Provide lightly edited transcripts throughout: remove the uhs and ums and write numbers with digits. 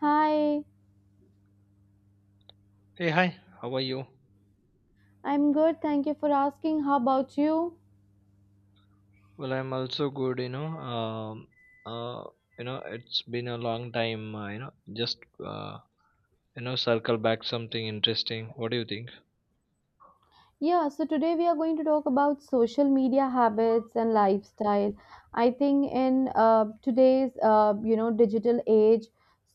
Hi, Hey, hi, how are you? I'm good. Thank you for asking. How about you? Well, I'm also good, you know. Uh, it's been a long time, just, uh, circle back something interesting. What do you think? Yeah, so today we are going to talk about social media habits and lifestyle. I think in today's digital age,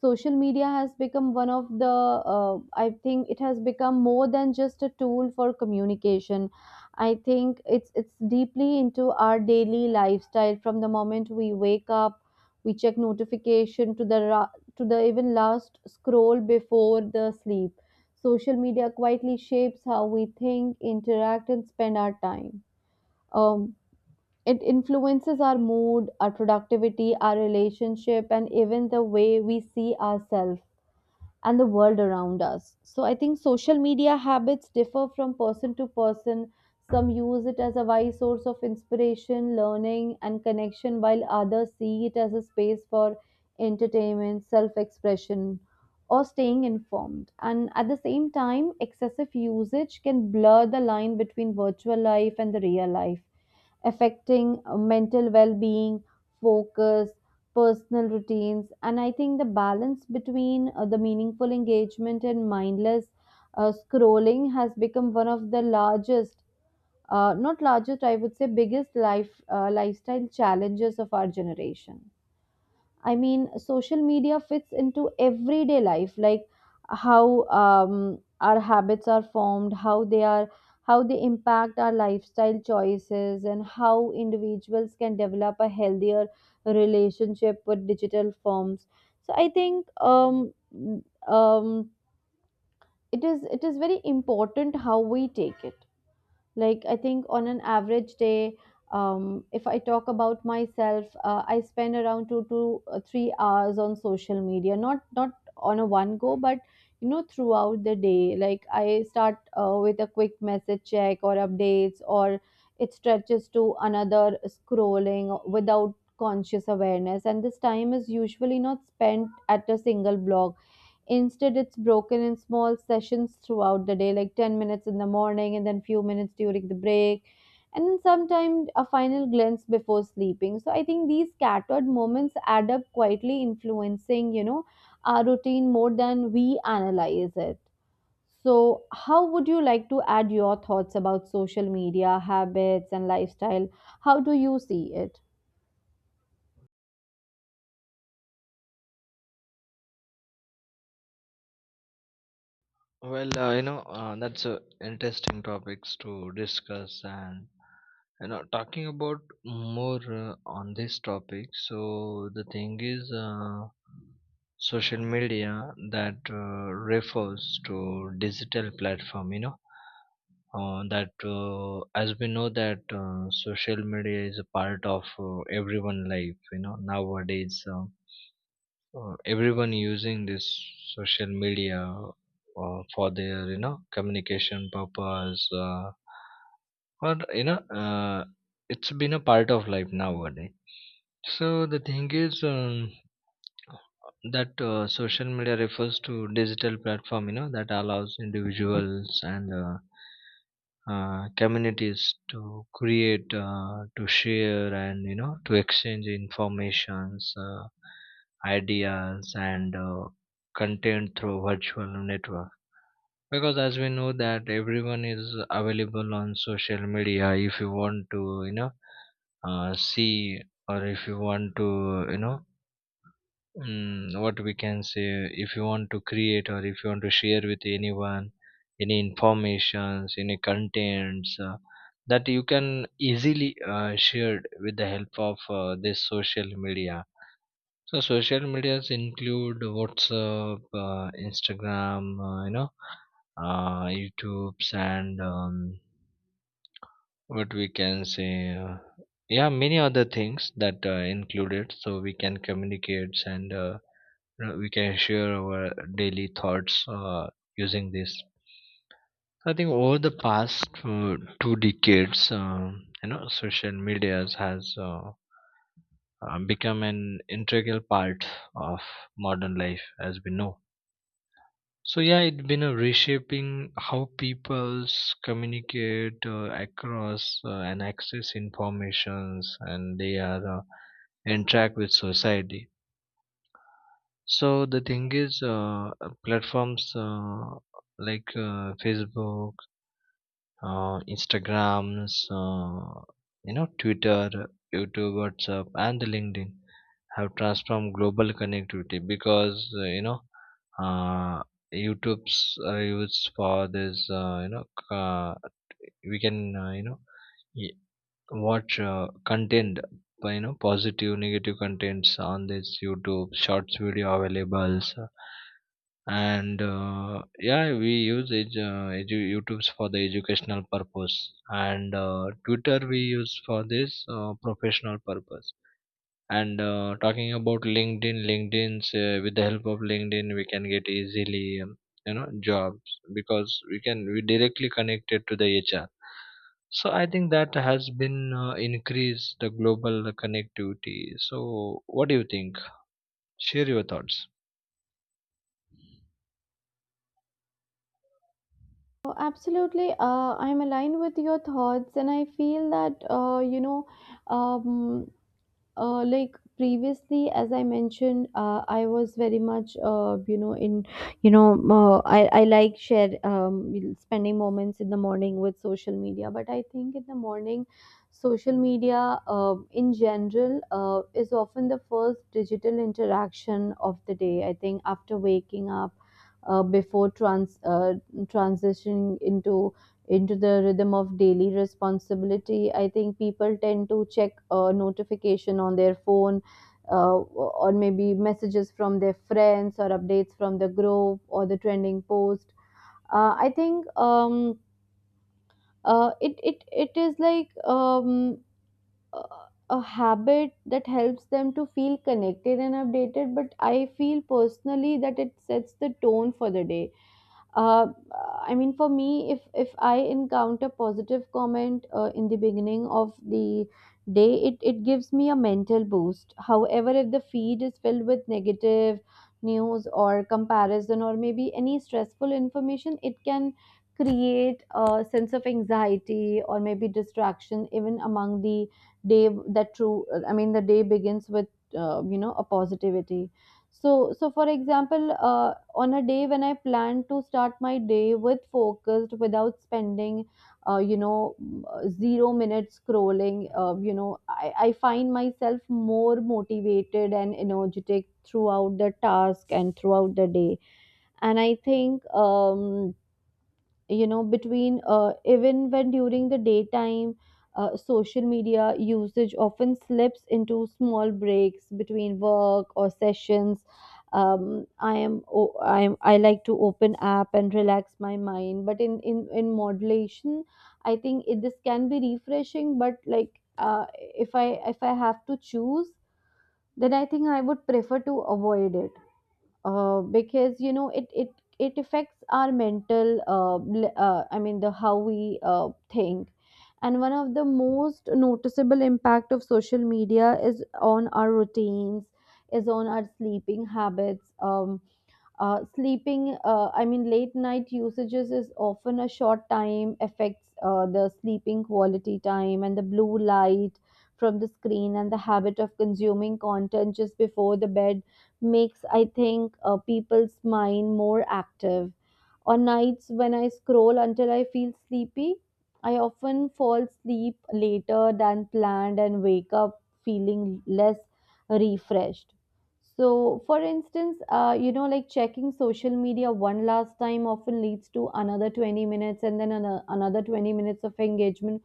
social media has become one of the I think it has become more than just a tool for communication. I think it's deeply into our daily lifestyle. From the moment we wake up, we check notification to the even last scroll before the sleep. Social media quietly shapes how we think, interact, and spend our time. Um, it influences our mood, our productivity, our relationship, and even the way we see ourselves and the world around us. So I think social media habits differ from person to person. Some use it as a wise source of inspiration, learning, and connection, while others see it as a space for entertainment, self expression, or staying informed. And at the same time, excessive usage can blur the line between virtual life and the real life, affecting mental well being, focus, personal routines. And I think the balance between the meaningful engagement and mindless scrolling has become one of the largest not largest, I would say biggest lifestyle challenges of our generation. I mean, social media fits into everyday life, like how our habits are formed, how they impact our lifestyle choices, and how individuals can develop a healthier relationship with digital forms. So I think um, it is very important how we take it. Like, I think on an average day, if I talk about myself, I spend around 2 to 3 hours on social media, not on a one go, but you know throughout the day. Like I start with a quick message check or updates, or it stretches to another scrolling without conscious awareness, and this time is usually not spent at a single block. Instead, it's broken in small sessions throughout the day, like 10 minutes in the morning and then few minutes during the break, and then sometimes a final glance before sleeping. So I think these scattered moments add up, quietly influencing, our routine more than we analyze it. So, how would you like to add your thoughts about social media habits and lifestyle? How do you see it? That's interesting topics to discuss and, you know, talking about more on this topic. Social media that refers to digital platform, you know that as we know that social media is a part of everyone life you know nowadays, everyone using this social media for their you know communication purpose, or you know it's been a part of life nowadays. So the thing is that social media refers to digital platform you know that allows individuals and communities to create, to share and you know to exchange informations, ideas and content through virtual network, because as we know that everyone is available on social media. If you want to you know see, or if you want to you know what we can say, if you want to create or if you want to share with anyone any informations any contents, that you can easily share with the help of this social media. So social medias include WhatsApp, Instagram, YouTubes and what we can say, yeah, many other things that included, so we can communicate and we can share our daily thoughts using this. So I think over the past uh, two decades, social media has become an integral part of modern life, as we know. So yeah, it's been a reshaping how peoples communicate across and access informations, and they are interact with society. So the thing is, uh, platforms like Facebook, Instagrams, you know, Twitter, YouTube, WhatsApp, and the LinkedIn have transformed global connectivity, because uh, YouTube's are used for this. We can you know y- watch content, but, you know, positive, negative contents on this YouTube shorts video availables. And Yeah, we use youtubes for the educational purpose, and Twitter we use for this professional purpose. And talking about LinkedIn, linkedin's with the help of LinkedIn we can get easily jobs, because we directly connected to the HR. So I think that has been increased the global connectivity. So what do you think? Share your thoughts. Oh, absolutely. I'm aligned with your thoughts, and I feel that um, like previously as I mentioned, I was very much in I like share spending moments in the morning with social media. But I think in the morning social media in general is often the first digital interaction of the day. I think after waking up, before transitioning into the rhythm of daily responsibility. I think people tend to check a notification on their phone, or maybe messages from their friends or updates from the group or the trending post. I think it is like a a habit that helps them to feel connected and updated, but I feel personally that it sets the tone for the day. uh, I mean, for me, if I encounter positive comment in the beginning of the day, it gives me a mental boost. However, if the feed is filled with negative news or comparison or maybe any stressful information, it can create a sense of anxiety or maybe distraction even among the day. That true, I mean the day begins with a positivity. So, for example, on a day when I plan to start my day with focused, without spending, 0 minutes scrolling, I find myself more motivated and energetic throughout the task and throughout the day. And I think, between even when during the daytime, social media usage often slips into small breaks between work or sessions. I am o- I am I like to open app and relax my mind, but in modulation I think this can be refreshing, but like if I, if I have to choose, then I think I would prefer to avoid it, because you know it affects our mental, I mean the how we think. And one of the most noticeable impact of social media is on our routines, is on our sleeping habits. I mean, late night usages is often a short time, affects the sleeping quality time. And the blue light from the screen and the habit of consuming content just before the bed makes, I think, people's mind more active. On nights when I scroll until I feel sleepy, I often fall asleep later than planned and wake up feeling less refreshed. So, for instance, like checking social media one last time often leads to another 20 minutes and then another 20 minutes of engagement,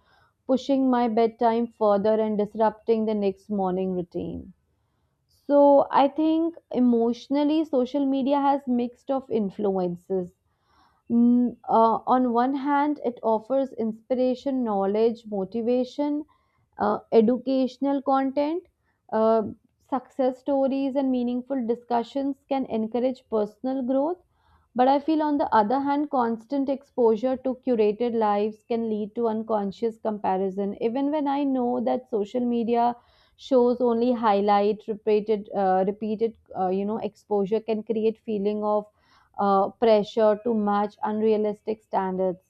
pushing my bedtime further and disrupting the next morning routine. So, I think emotionally, social media has mixed of influences. On one hand, it offers inspiration, knowledge, motivation, educational content, uh, success stories, and meaningful discussions can encourage personal growth. But I feel, on the other hand, constant exposure to curated lives can lead to unconscious comparison. Even when I know that social media shows only highlight, repeated, exposure can create feeling of pressure to match unrealistic standards.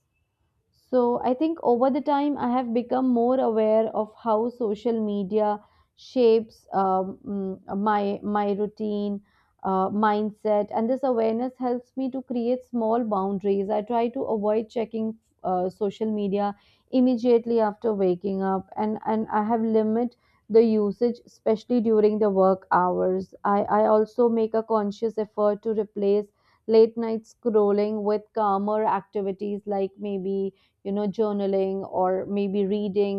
So I think over the time, I have become more aware of how social media shapes my routine, mindset, and this awareness helps me to create small boundaries. I try to avoid checking social media immediately after waking up, and I have limit the usage, especially during the work hours. I also make a conscious effort to replace late night scrolling with calmer activities, like maybe journaling or maybe reading.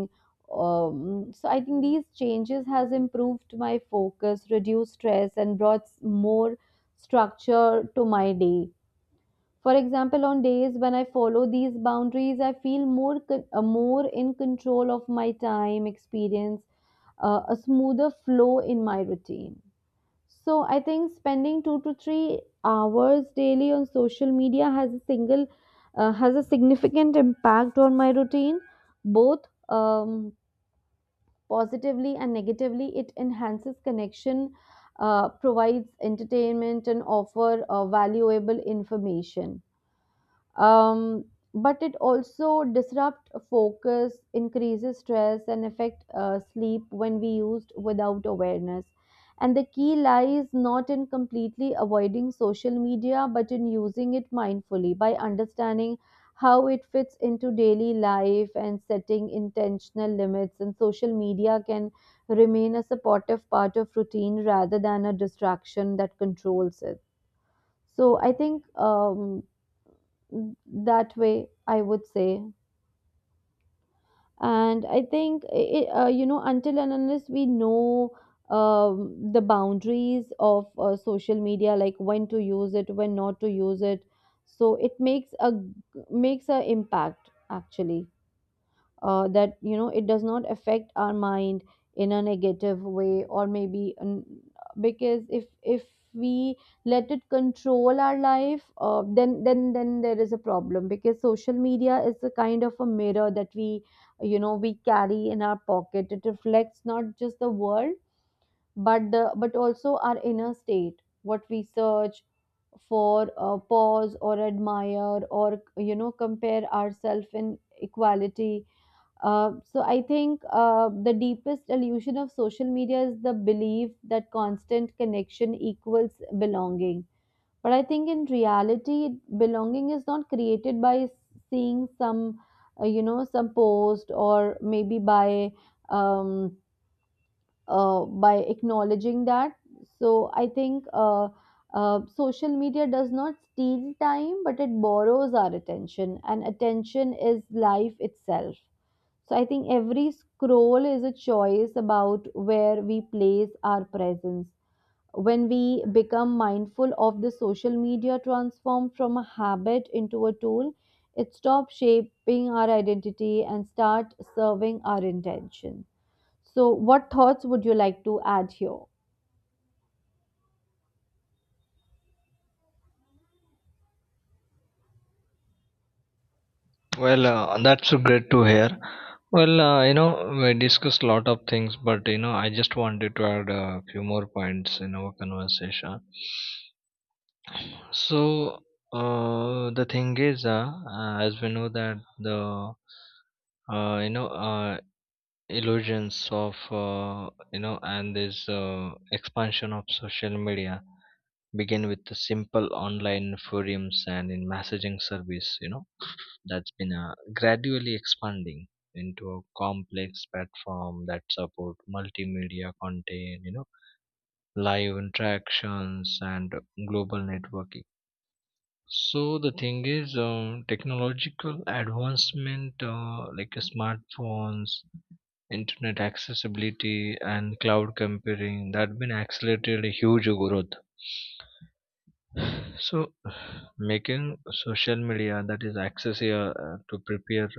So I think these changes has improved my focus, reduced stress, and brought more structure to my day. For example, on days when I follow these boundaries, I feel more more in control of my time, experience a smoother flow in my routine. So I think spending 2 to 3 hours daily on social media has a single has a significant impact on my routine, both um, positively and negatively. It enhances connection, provides entertainment, and offer valuable information, um, but it also disrupt focus, increases stress, and affect sleep when we used without awareness. And the key lies not in completely avoiding social media, but in using it mindfully. By understanding how it fits into daily life and setting intentional limits, and social media can remain a supportive part of routine rather than a distraction that controls it. So I think, that way I would say. And I think until and unless we know the boundaries of social media, like when to use it, when not to use it, so it makes a impact actually, that you know it does not affect our mind in a negative way, because if we let it control our life, then there is a problem. Because social media is a kind of a mirror that we, we carry in our pocket. It reflects not just the world, but the but also our inner state, what we search for, pause or admire, or compare ourselves in equality. So I think the deepest illusion of social media is the belief that constant connection equals belonging. But I think in reality, belonging is not created by seeing some, you know, some post, or maybe um, by acknowledging that. So I think social media does not steal time, but it borrows our attention, and attention is life itself. So I think every scroll is a choice about where we place our presence. When we become mindful of the social media transformed from a habit into a tool, it stops shaping our identity and start serving our intention. So what thoughts would you like to add here? That's so great to hear. You know, we discussed a lot of things, but you know, I just wanted to add a few more points in our conversation. So, as we know that the uh, you know uh, illusions of and this expansion of social media begin with the simple online forums and in messaging service, you know, that's been gradually expanding into a complex platform that support multimedia content, you know, live interactions and global networking. So the thing is technological advancement like smartphones, internet accessibility and cloud computing that been accelerated a huge growth, so making social media that is accessible to prepare,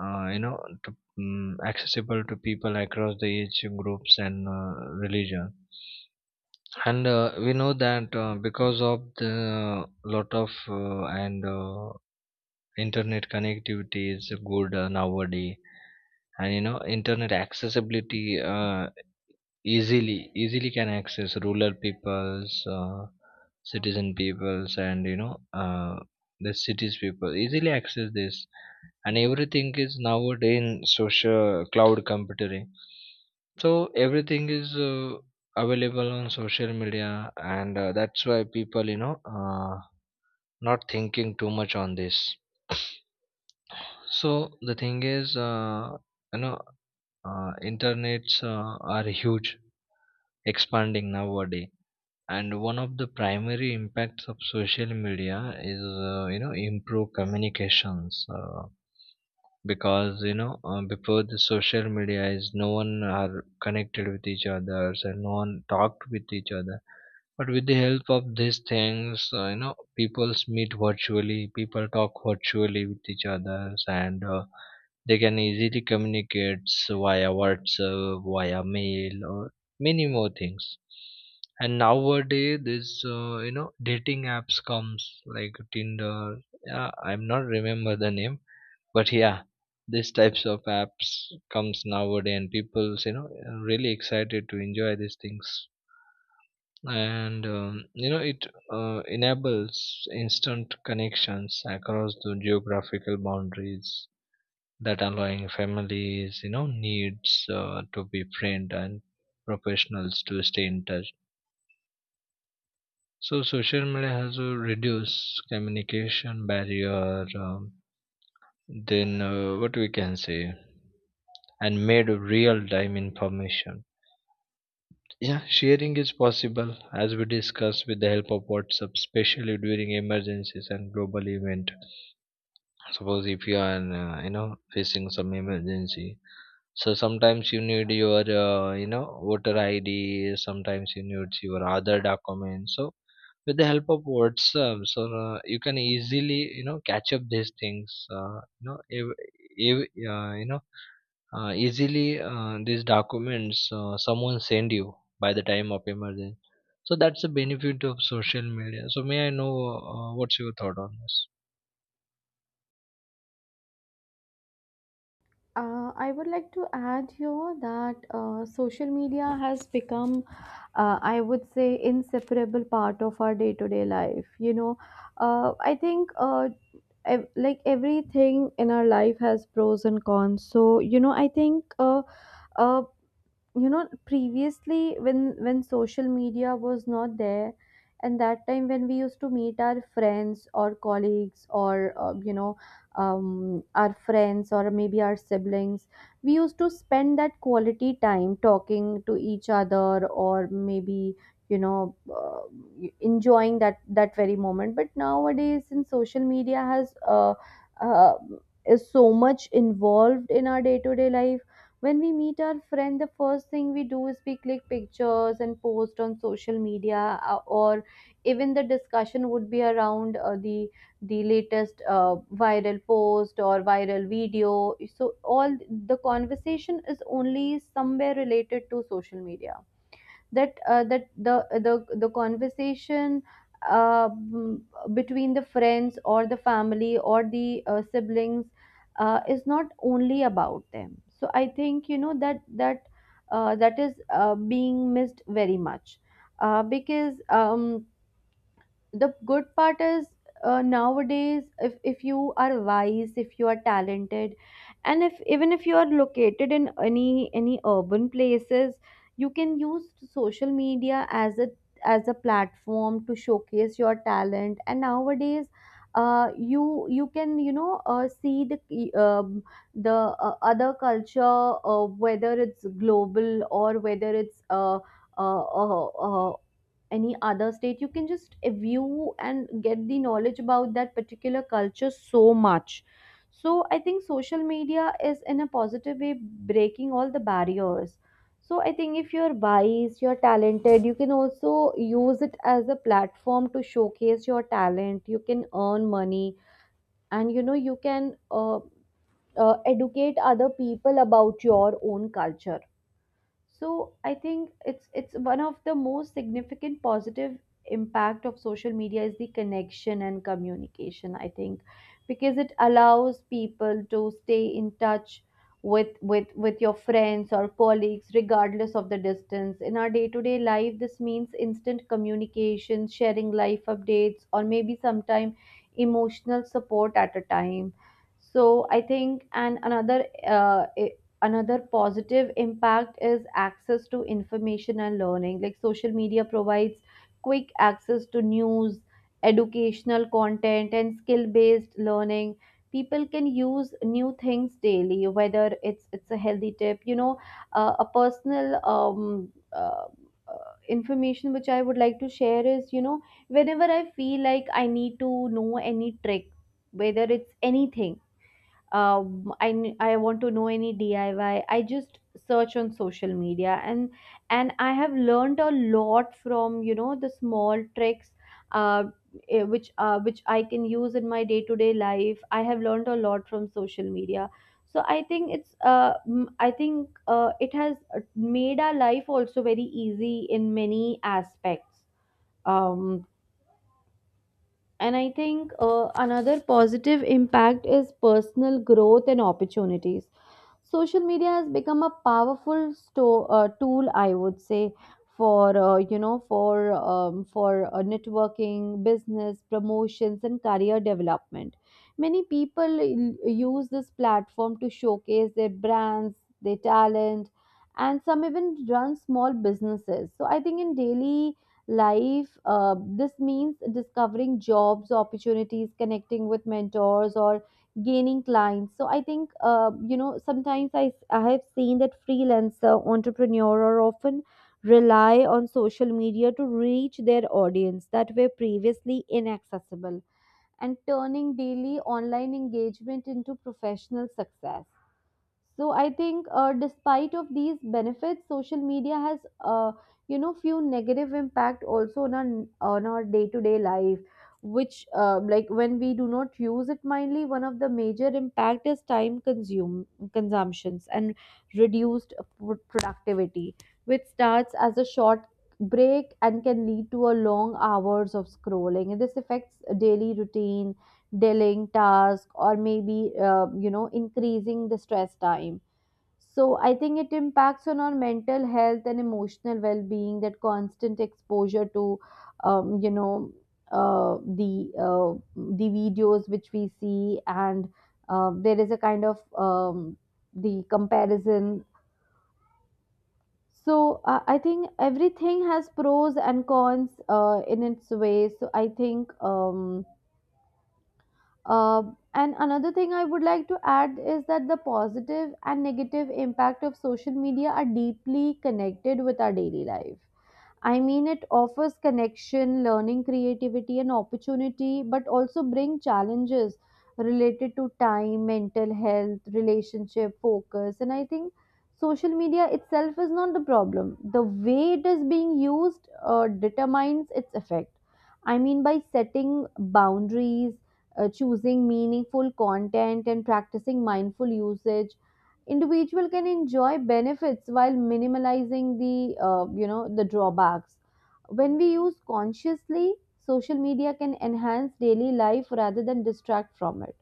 you know, to, mm accessible to people across the age groups and religion. And we know that because of the lot of and internet connectivity is good nowadays, and you know, internet accessibility easily can access rural peoples, citizen peoples, and you know the cities people easily access this. And everything is nowadays in social cloud computing, so everything is available on social media, and that's why people you know not thinking too much on this. So the thing is you know Internets are huge expanding nowadays. And one of the primary impacts of social media is improve communications, because before the social media is no one are connected with each other and no one talked with each other, but with the help of these things, you know, people meet virtually, people talk virtually with each others, and they can easily communicate via WhatsApp, via mail, or many more things. And nowadays, this you know, dating apps comes like Tinder. Yeah, I'm not remember the name, but yeah, these types of apps comes nowadays, and people's you know really excited to enjoy these things. And you know, it enables instant connections across the geographical boundaries that allowing families, you know, needs to be friend, and professionals to stay in touch. So social media has reduced communication barrier, then what we can say, and made real time information, yeah, sharing is possible, as we discussed, with the help of WhatsApp, especially during emergencies and global event. Suppose if you are you know, facing some emergency. So sometimes you need your, voter ID. Sometimes you need your other documents. So with the help of WhatsApp, so you can easily, you know, catch up these things. You know, if, you know, easily these documents someone send you by the time of emergency. So that's the benefit of social media. So may I know what's your thought on this? I would like to add here that social media has become, I would say, inseparable part of our day-to-day life. I think like everything in our life has pros and cons. So, uh, you know, previously when social media was not there and that time when we used to meet our friends or colleagues or our friends or maybe our siblings, we used to spend that quality time talking to each other, or maybe you know uh, enjoying that very moment. But nowadays, since social media has uh, is so much involved in our day to day life, when we meet our friend, the first thing we do is we click pictures and post on social media, or even the discussion would be around the latest viral post or viral video. So all the conversation is only somewhere related to social media, that the conversation uh, mm, between the friends or the family or the siblings is not only about them. So I think, you know, that is being missed very much, because. The good part is nowadays, if you are wise, if you are talented, and if even if you are located in any urban places, you can use social media as a platform to showcase your talent. And nowadays you can, see the other culture, whether it's global or whether it's uh, uh, uh, any other state, you can just view and get the knowledge about that particular culture. So much. So I think social media is, in a positive way, breaking all the barriers. So I think if you're wise, you're talented, you can also use it as a platform to showcase your talent, you can earn money, and you know, you can educate other people about your own culture. So I think it's one of the most significant positive impact of social media is the connection and communication, I think, because it allows people to stay in touch with with your friends or colleagues regardless of the distance. In our day-to-day life, this means instant communication, sharing life updates, or maybe sometime emotional support at a time. So I think, and another another positive impact is access to information and learning, like social media provides quick access to news, educational content, and skill based learning. People can use new things daily, whether it's a healthy tip. You know, a personal, information which I would like to share is, you know, whenever I feel like I need to know any trick, whether it's anything, I want to know any diy, I just search on social media, and I have learned a lot from, you know, the small tricks uh, which I can use in my day to day life. I have learned a lot from social media. So I think it's I think it has made our life also very easy in many aspects. um, and I think another positive impact is personal growth and opportunities. Social media has become a powerful tool, I would say, for you know, for networking, business promotions, and career development. Many people use this platform to showcase their brands, their talent, and some even run small businesses. So I think in daily life, this means discovering jobs opportunities, connecting with mentors, or gaining clients. So I think you know, sometimes I have seen that freelancer entrepreneur are often rely on social media to reach their audience that were previously inaccessible, and turning daily online engagement into professional success. So I think despite of these benefits, social media has uh, you know, few negative impact also on our day to day life, which like when we do not use it mindly. One of the major impact is time consume consumptions and reduced productivity, which starts as a short break and can lead to a long hours of scrolling, and this affects daily routine, delaying task, or maybe, you know, increasing the stress time. So I think it impacts on our mental health and emotional well-being, that constant exposure to, you know, uh, the uh, the videos which we see, and there is a kind of the comparison. So I think everything has pros and cons in its way. So I think, Uh, and another thing I would like to add is that the positive and negative impact of social media are deeply connected with our daily life. I mean, it offers connection, learning, creativity, and opportunity, but also bring challenges related to time, mental health, relationship, focus. And I think social media itself is not the problem. The way it is being used determines its effect. I mean, by setting boundaries, choosing meaningful content, and practicing mindful usage, individual can enjoy benefits while minimizing the, you know, the drawbacks. When we use consciously, social media can enhance daily life rather than distract from it.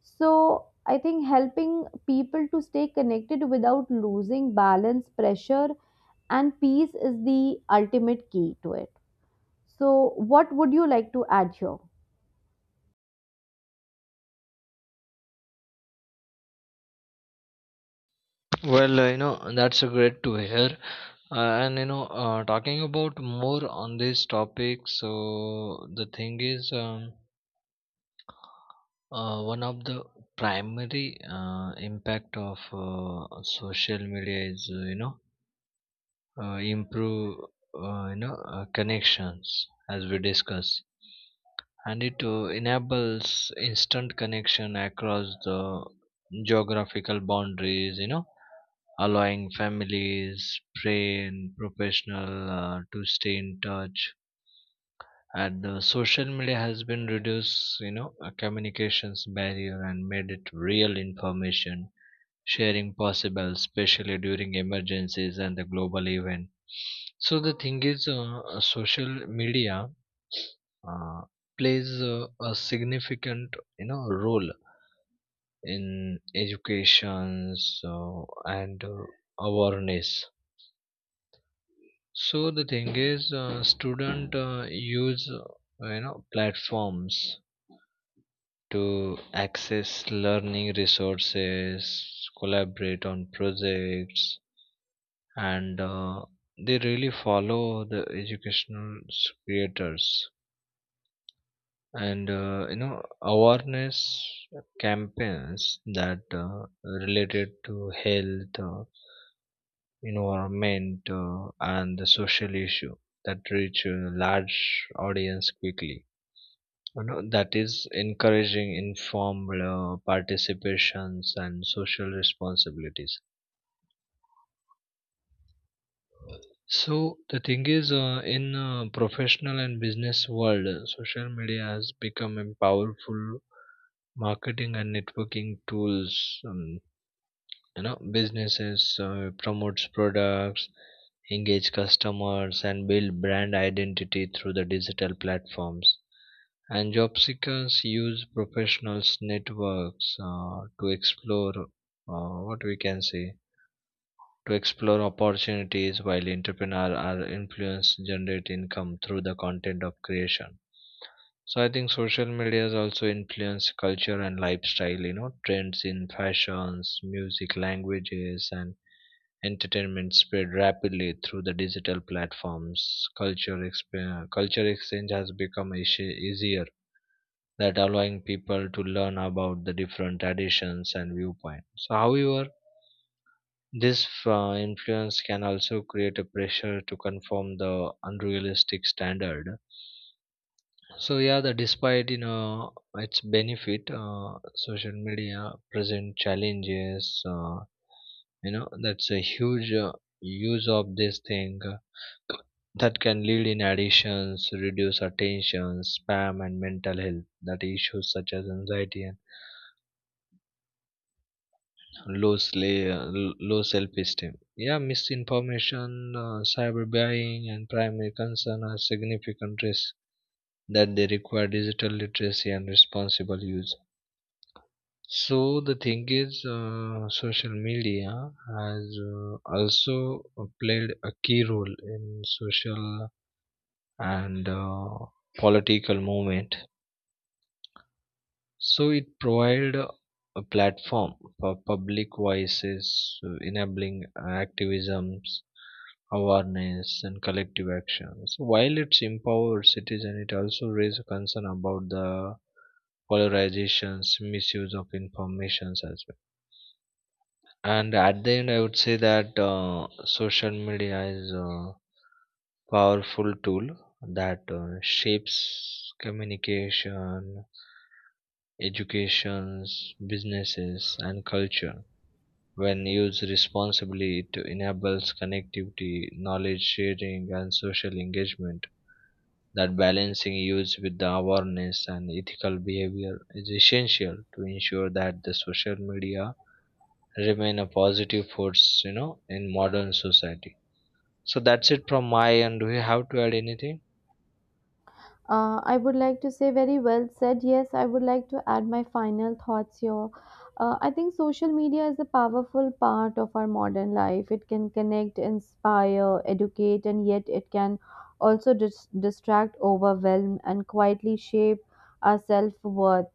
So I think, helping people to stay connected without losing balance, pressure, and peace is the ultimate key to it. So, what would you like to add here? That's a great to hear. Talking about more on this topic, so the thing is, one of the primary impact of social media is, improve, connections, as we discuss, and it enables instant connection across the geographical boundaries, you know, allowing families, train, professional to stay in touch. And social media has been reduced, you know, a communications barrier, and made it real information sharing possible, especially during emergencies and the global event. So the thing is Social media uh, plays a significant, you know, role in education, so, and awareness. So the thing is Student use platforms to access learning resources, collaborate on projects, and they really follow the educational creators. And you know, awareness campaigns that related to health, environment, and the social issue that reach a large audience quickly, you know, that is encouraging informed participations and social responsibilities. So the thing is In professional and business world, social media has become a powerful marketing and networking tools. um, you know, businesses promotes products, engage customers and build brand identity through the digital platforms. And job seekers use professionals networks to explore, what we can say, to explore opportunities, while entrepreneurs are influenced, generate income through the content of creation. So I think social media has also influence culture and lifestyle. You know, trends in fashions, music, languages and entertainment spread rapidly through the digital platforms. Culture exchange has become easier, that allowing people to learn about the different traditions and viewpoints. However, this influence can also create a pressure to conform the unrealistic standard. So yeah, the despite you know its benefit, social media present challenges. You know, that's a huge use of this thing, that can lead in addictions, reduce attention spam, and mental health that issues such as anxiety and low, low self-esteem. Yeah, misinformation, cyberbuying, and primary concern are significant risks that they require digital literacy and responsible use. Social media has also played a key role in social and political movement. So it provided a platform for public voices, enabling activisms, awareness, and collective action. So while it's empowered citizens, it also raises concern about the polarizations, misuse of informations as well. And at the end, I would say that social media is a powerful tool that shapes communication, educations, businesses, and culture. When used responsibly, it enables connectivity, knowledge sharing, and social engagement. That balancing use with the awareness and ethical behavior is essential to ensure that the social media remain a positive force, you know, in modern society. So that's it from my end. Do you have to add anything? I would like to say very well said. Yes, I would like to add my final thoughts here. I think social media is a powerful part of our modern life. It can connect, inspire, educate, and yet it can also distract, overwhelm, and quietly shape our self worth.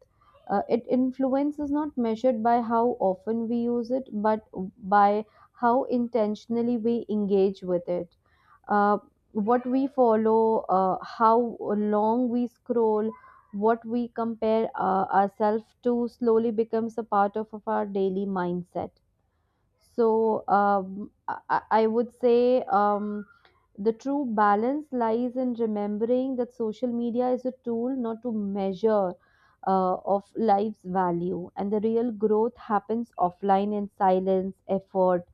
It influence is not measured by how often we use it, but by how intentionally we engage with it. Uh, what we follow, how long we scroll, what we compare ourselves to slowly becomes a part of our daily mindset. So I would say, the true balance lies in remembering that social media is a tool, not to measure. Of life's value, and the real growth happens offline in silence effort,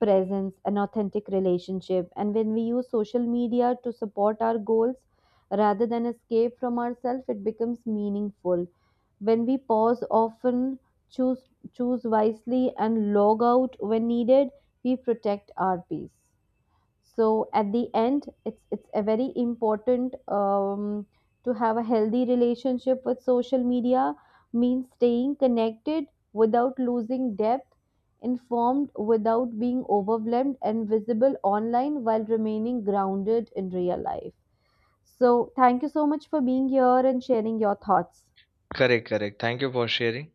presence, an authentic relationship. And when we use social media to support our goals rather than escape from ourselves, it becomes meaningful. When we pause often, choose choose wisely, and log out when needed, we protect our peace. So at the end, it's a very important, to have a healthy relationship with social media means staying connected without losing depth, informed without being overwhelmed, and visible online while remaining grounded in real life. So thank you so much for being here and sharing your thoughts. Correct, correct. Thank you for sharing.